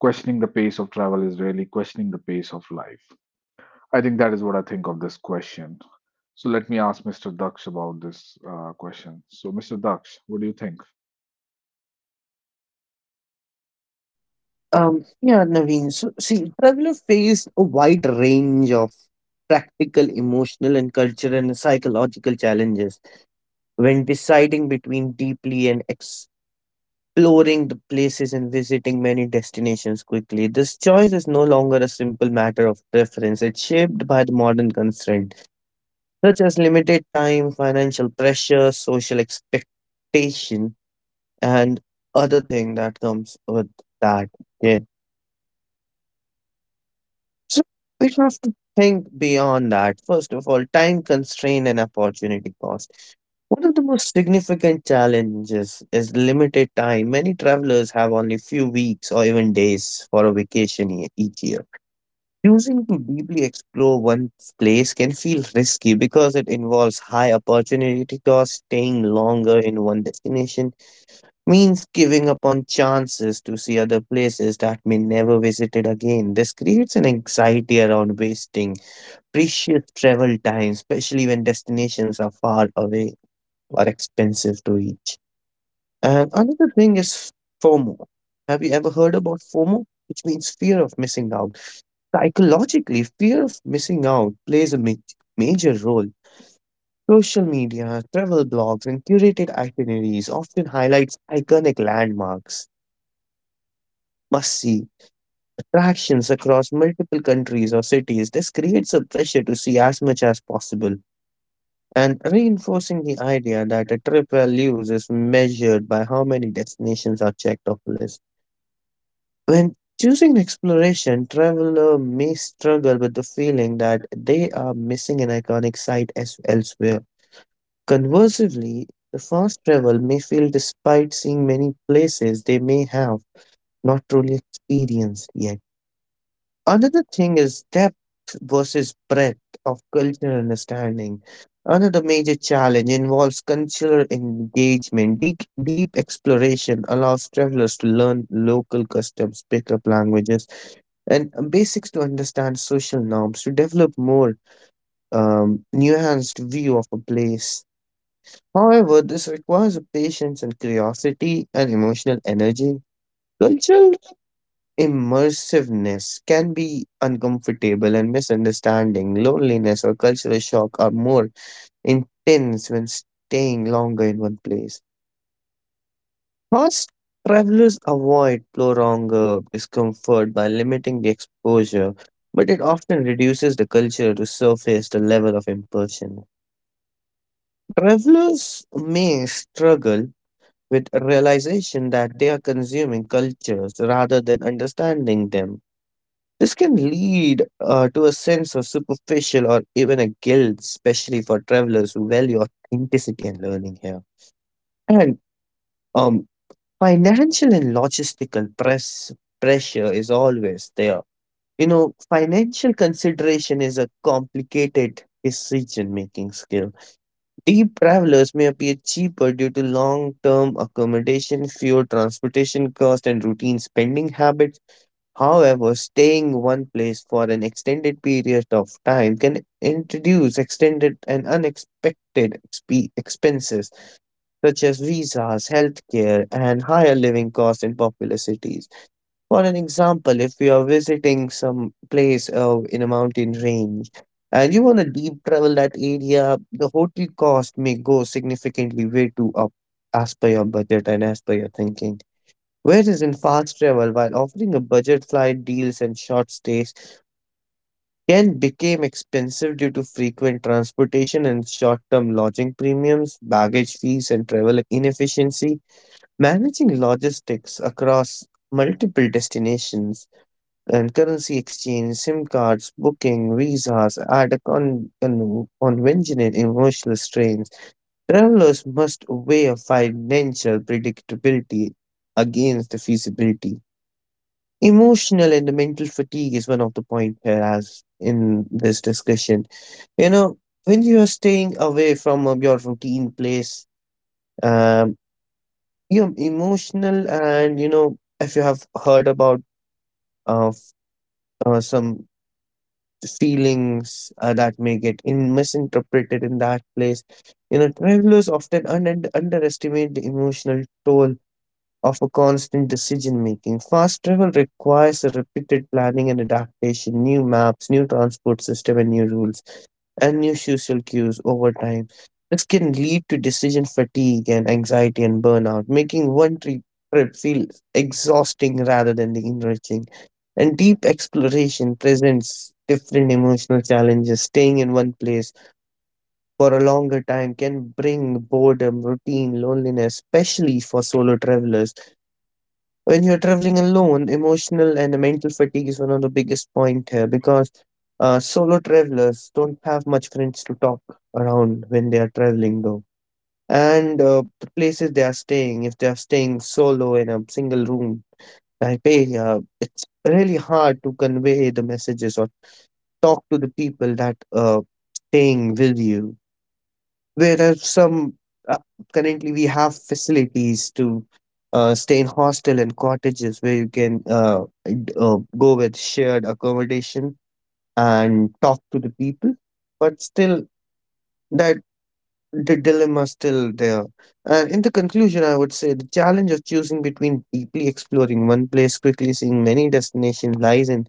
A: questioning the pace of travel is really questioning the pace of life. I think that is what I think of this question. So let me ask Mr. Daksh about this question. So, Mr. Daksh, what do you think?
B: yeah, Naveen. So see, travel faced a wide range of practical, emotional, and cultural and psychological challenges when deciding between deeply and exploring the places and visiting many destinations quickly. This choice is no longer a simple matter of preference. It's shaped by the modern constraints, such as limited time, financial pressure, social expectation, and other thing that comes with that. Yeah. So we have to think beyond that. First of all, time constraint and opportunity cost. One of the most significant challenges is limited time. Many travelers have only few weeks or even days for a vacation each year. Choosing to deeply explore one place can feel risky because it involves high opportunity cost, staying longer in one destination, means giving up on chances to see other places that may never visited again. This creates an anxiety around wasting precious travel time, especially when destinations are far away or expensive to reach. And another thing is FOMO. Have you ever heard about FOMO? Which means fear of missing out. Psychologically, fear of missing out plays a major role. Social media, travel blogs, and curated itineraries often highlights iconic landmarks, must see attractions across multiple countries or cities. This creates a pressure to see as much as possible and reinforcing the idea that a trip values is measured by how many destinations are checked off the list. When choosing exploration, traveler may struggle with the feeling that they are missing an iconic site as elsewhere. Conversely, the fast travel may feel despite seeing many places they may have not truly experienced yet. Another thing is depth versus breadth of cultural understanding. Another major challenge involves cultural engagement. Deep exploration allows travelers to learn local customs, pick up languages, and basics to understand social norms to develop more nuanced view of a place. However, this requires a patience and curiosity and emotional energy. Cultural immersiveness can be uncomfortable, and misunderstanding, loneliness, or cultural shock are more intense when staying longer in one place. Thus, travelers avoid prolonged discomfort by limiting the exposure, but it often reduces the culture to surface the level of immersion. Travelers may struggle with realization that they are consuming cultures rather than understanding them. This can lead to a sense of superficial or even a guilt, especially for travelers who value authenticity and learning here. And um, Financial and logistical pressure is always there. You know, financial consideration is a complicated decision making skill. Deep travelers may appear cheaper due to long term accommodation, fewer transportation cost, and routine spending habits. However, staying in one place for an extended period of time can introduce extended and unexpected expenses such as visas, healthcare, and higher living costs in popular cities. For an example, if you are visiting some place in a mountain range and you want to deep travel that area, the hotel cost may go significantly way too up as per your budget and as per your thinking. Whereas in fast travel, while offering a budget flight deals and short stays can become expensive due to frequent transportation and short-term lodging premiums, baggage fees, and travel inefficiency, managing logistics across multiple destinations and currency exchange, SIM cards, booking, visas add a conventional emotional strains. Travelers must weigh a financial predictability against the feasibility. Emotional and mental fatigue is one of the point here as in this discussion. You know, when you are staying away from your routine place, um, you're emotional and you know if you have heard about uh, f- some feelings that may get in misinterpreted in that place, you know travelers often underestimate the emotional toll of a constant decision making. Fast travel requires a repeated planning and adaptation, new maps, new transport system and new rules, and new social cues over time. This can lead to decision fatigue and anxiety and burnout, making one trip feel exhausting rather than enriching. And deep exploration presents different emotional challenges. Staying in one place for a longer time can bring boredom, routine, loneliness, especially for solo travelers. When you're traveling alone, emotional and mental fatigue is one of the biggest point here because solo travelers don't have much friends to talk around when they are traveling though. And the places they are staying, if they are staying solo in a single room, Taipei, it's really hard to convey the messages or talk to the people that staying with you. There are some uh, currently we have facilities to stay in hostel and cottages where you can go with shared accommodation and talk to the people, but still that the dilemma is still there. And in the conclusion I would say the challenge of choosing between deeply exploring one place quickly seeing many destinations lies in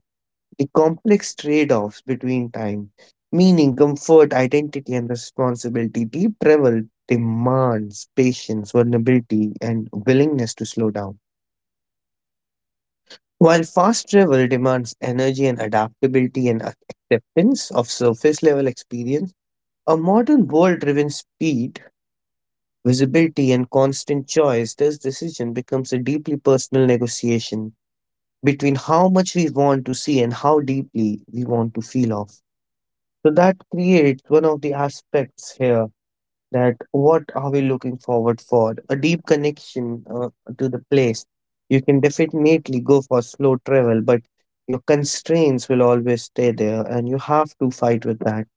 B: the complex trade offs between time, meaning, comfort, identity, and responsibility. Deep travel demands patience, vulnerability, and willingness to slow down. While fast travel demands energy and adaptability and acceptance of surface level experience, a modern world driven speed, visibility, and constant choice, this decision becomes a deeply personal negotiation between how much we want to see and how deeply we want to feel off. So that creates one of the aspects here that what are we looking forward for? A deep connection to the place. You can definitely go for slow travel, but your constraints will always stay there and you have to fight with that.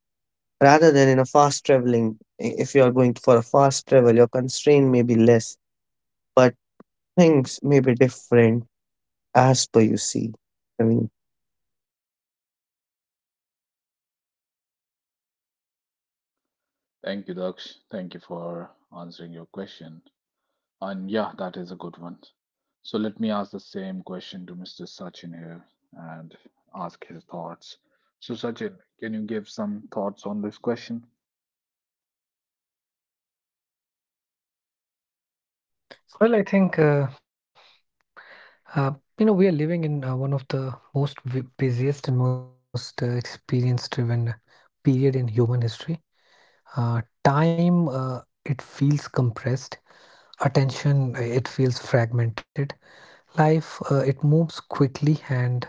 B: Rather than in a fast traveling, if you are going for a fast travel, your constraint may be less, but things may be different as per you see. I mean,
A: Thank you, Daksh. Thank you for answering your question. And yeah, that is a good one. So let me ask the same question to Mr. Sachin here and ask his thoughts. So, Sachin, can you give some thoughts on this question?
C: Well, I think uh, we are living in one of the most busiest and most experience driven period in human history. Uh, Time, it feels compressed. Attention, it feels fragmented. Life, it moves quickly, and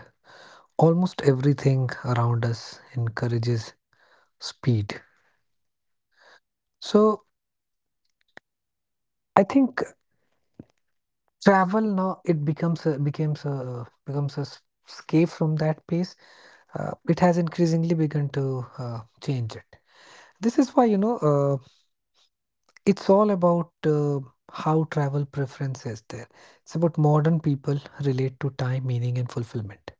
C: almost everything around us encourages speed. So I think travel now it becomes a escape from that pace. It has increasingly begun to change it. This is why, it's all about how travel preference is there. It's about modern people relate to time, meaning, and fulfillment.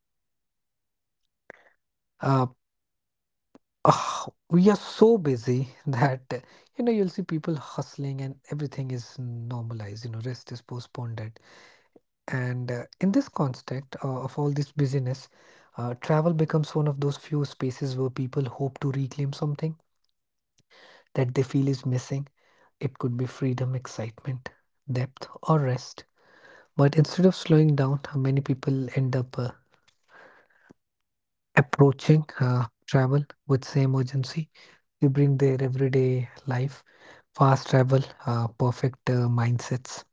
C: Uh, we are so busy that you'll see people hustling and everything is normalized. You know, rest is postponed. It. And in this context of all this busyness, travel becomes one of those few spaces where people hope to reclaim something that they feel is missing. It could be freedom, excitement, depth, or rest. But instead of slowing down, many people end up approaching travel with same urgency. They bring their everyday life, fast travel, perfect mindsets.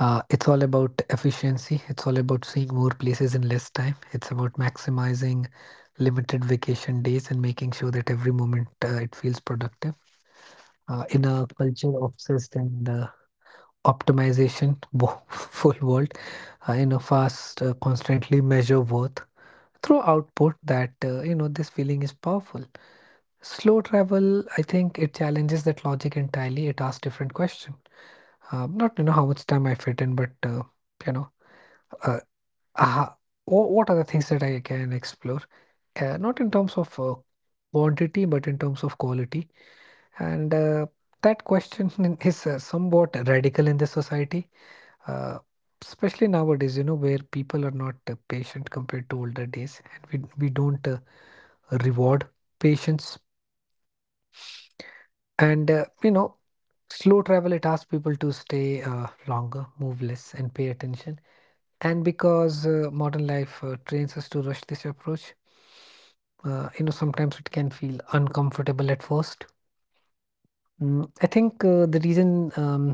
C: It's all about efficiency. It's all about seeing more places in less time. It's about maximizing limited vacation days and making sure that every moment it feels productive. In a culture obsessed and optimization full world, fast, constantly measure worth through output that this feeling is powerful. Slow travel, I think it challenges that logic entirely. It asks different question. Not how much time I fit in, but you know uh, uh, what are the things that I can explore, not in terms of quantity but in terms of quality. And that question is somewhat radical in this society, uh, especially nowadays, where people are not patient compared to older days, and we don't reward patience. And slow travel, it asks people to stay longer, move less, and pay attention. And because modern life trains us to rush this approach, sometimes it can feel uncomfortable at first. Mm, I think the reason,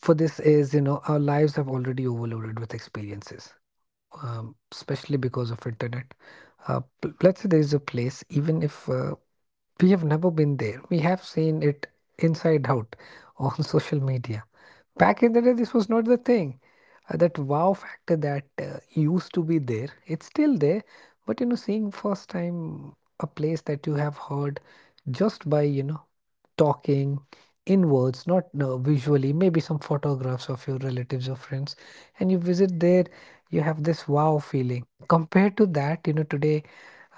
C: for this is our lives have already overloaded with experiences, especially because of internet. Let's say there is a place, even if we have never been there, we have seen it inside out on social media. Back in the day, this was not the thing. That wow factor that used to be there, it's still there. But you know, seeing first time a place that you have heard just by talking in words, not visually, maybe some photographs of your relatives or friends, and you visit there, you have this wow feeling. Compared to that, today,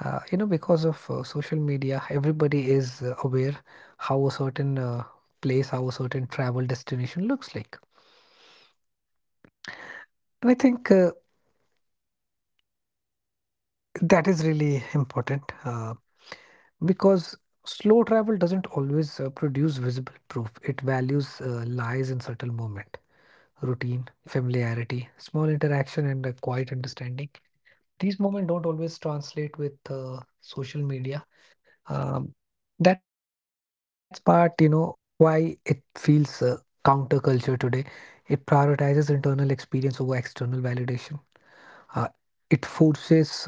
C: because of social media, everybody is aware how a certain place, how a certain travel destination looks like. And I think that is really important, because slow travel doesn't always produce visible proof. It values lies in subtle moment, routine, familiarity, small interaction, and a quiet understanding. These moments don't always translate with social media. Um, that's part, why it feels counterculture today. It prioritizes internal experience over external validation. Uh, it forces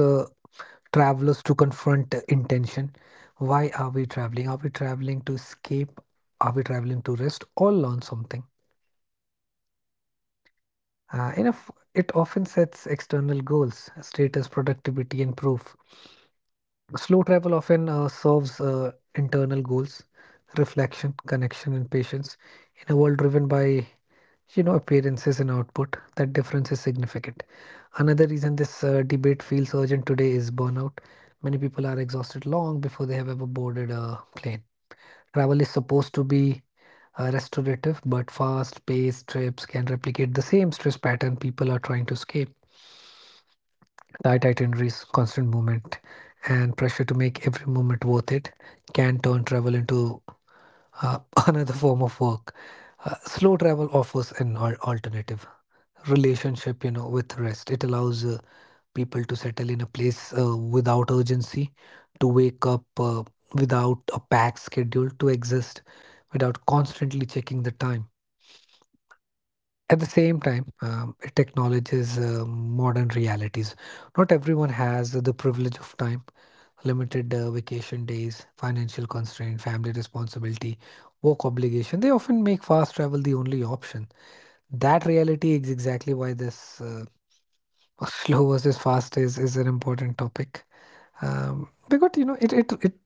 C: travelers to confront intention. Why are we traveling? Are we traveling to escape? Are we traveling to rest or learn something? Enough, it often sets external goals, status, productivity, and proof. Slow travel often serves internal goals, reflection, connection, and patience, in a world driven by appearances and output. That difference is significant. Another reason this debate feels urgent today is burnout. Many people are exhausted long before they have ever boarded a plane. Travel is supposed to be restorative, but fast-paced trips can replicate the same stress pattern people are trying to escape. Tight itineraries, constant movement, and pressure to make every moment worth it can turn travel into uh, another form of work. Slow travel offers alternative relationship with rest. It allows people to settle in a place without urgency, to wake up without a packed schedule, to exist without constantly checking the time. At the same time, it acknowledges modern realities. Not everyone has the privilege of time. Limited vacation days, financial constraint, family responsibility, work obligation, they often make fast travel the only option. That reality is exactly why this slow versus fast is an important topic, because it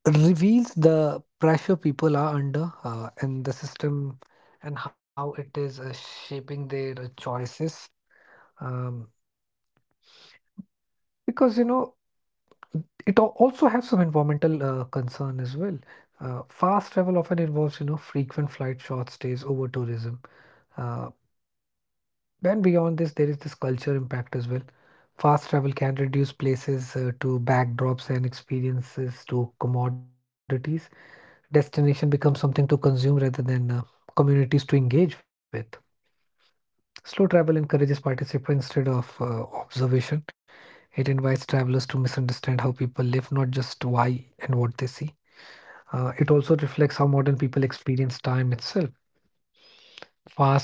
C: reveals the pressure people are under in the system and how it is shaping their choices, um, because it also has some environmental concern as well. Fast travel often involves, you know, frequent flight, short stays, over tourism. Uh, Then beyond this, there is this culture impact as well. Fast travel can reduce places to backdrops and experiences to commodities. Destination becomes something to consume rather than communities to engage with. Slow travel encourages participation instead of observation. It invites travelers to misunderstand how people live, not just why and what they see. It also reflects how modern people experience time itself. Fast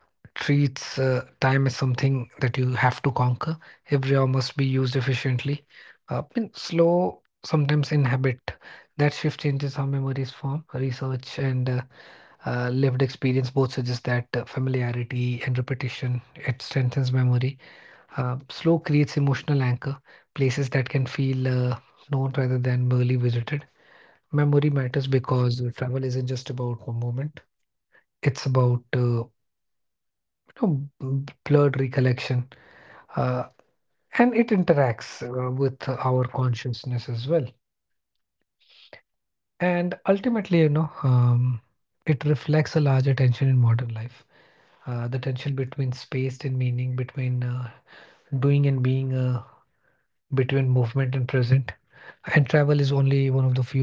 C: treats time as something that you have to conquer. Every hour must be used efficiently. And slow sometimes inhabit. That shift changes how memories form. Research and lived experience both suggest that familiarity and repetition, it strengthens memory. Slow creates emotional anchor, places that can feel known rather than merely visited. Memory matters because travel isn't just about one moment; it's about you know, blurred recollection uh, and it interacts with our consciousness as well. And ultimately, you know, it reflects a larger tension in modern life. The tension between space and meaning, between doing and being, between movement and present. And travel is only one of the few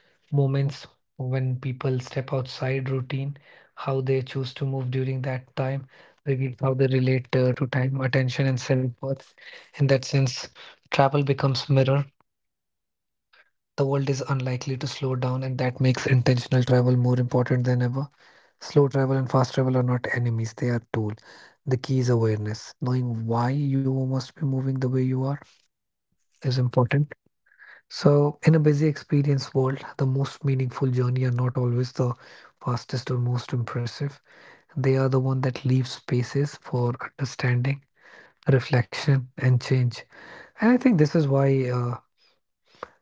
C: moments when people step outside routine. How they choose to move during that time, reveal how they relate to time, attention, and self worth. In that sense, travel becomes mirror. The world is unlikely to slow down, and that makes intentional travel more important than ever. Slow travel and fast travel are not enemies, they are tool. The key is awareness. Knowing why you must be moving the way you are is important. So, in a busy experience world, the most meaningful journey are not always the fastest or most impressive. They are the one that leave spaces for understanding, reflection, and change. And I think this is why uh,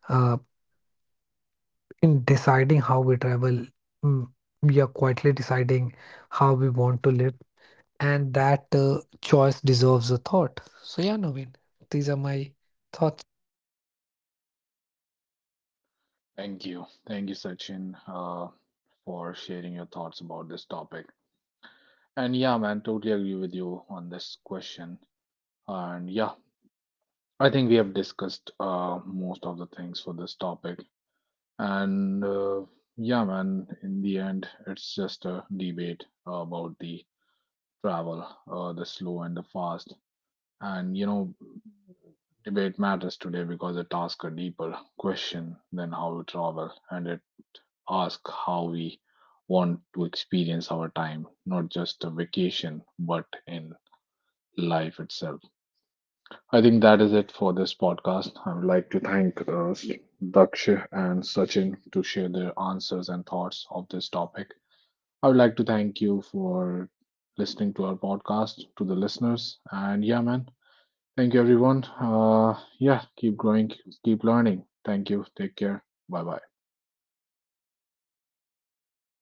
C: in deciding how we travel, mm, we are quietly deciding how we want to live, and that choice deserves a thought. So, yeah, Naveen, these are my thoughts.
A: Thank you. Thank you, Sachin, for sharing your thoughts about this topic. And yeah, man, totally agree with you on this question. And yeah, I think we have discussed most of the things for this topic. And yeah, man, in the end, it's just a debate about the travel, the slow and the fast. And you know, debate matters today because it asks a deeper question than how we travel, and it asks how we want to experience our time, not just a vacation, but in life itself. I think that is it for this podcast. I would like to thank Daksha and Sachin to share their answers and thoughts of this topic. I would like to thank you for listening to our podcast, to the listeners. And yeah, man, thank you, everyone. Yeah, keep growing, keep learning. Thank you. Take care. Bye bye.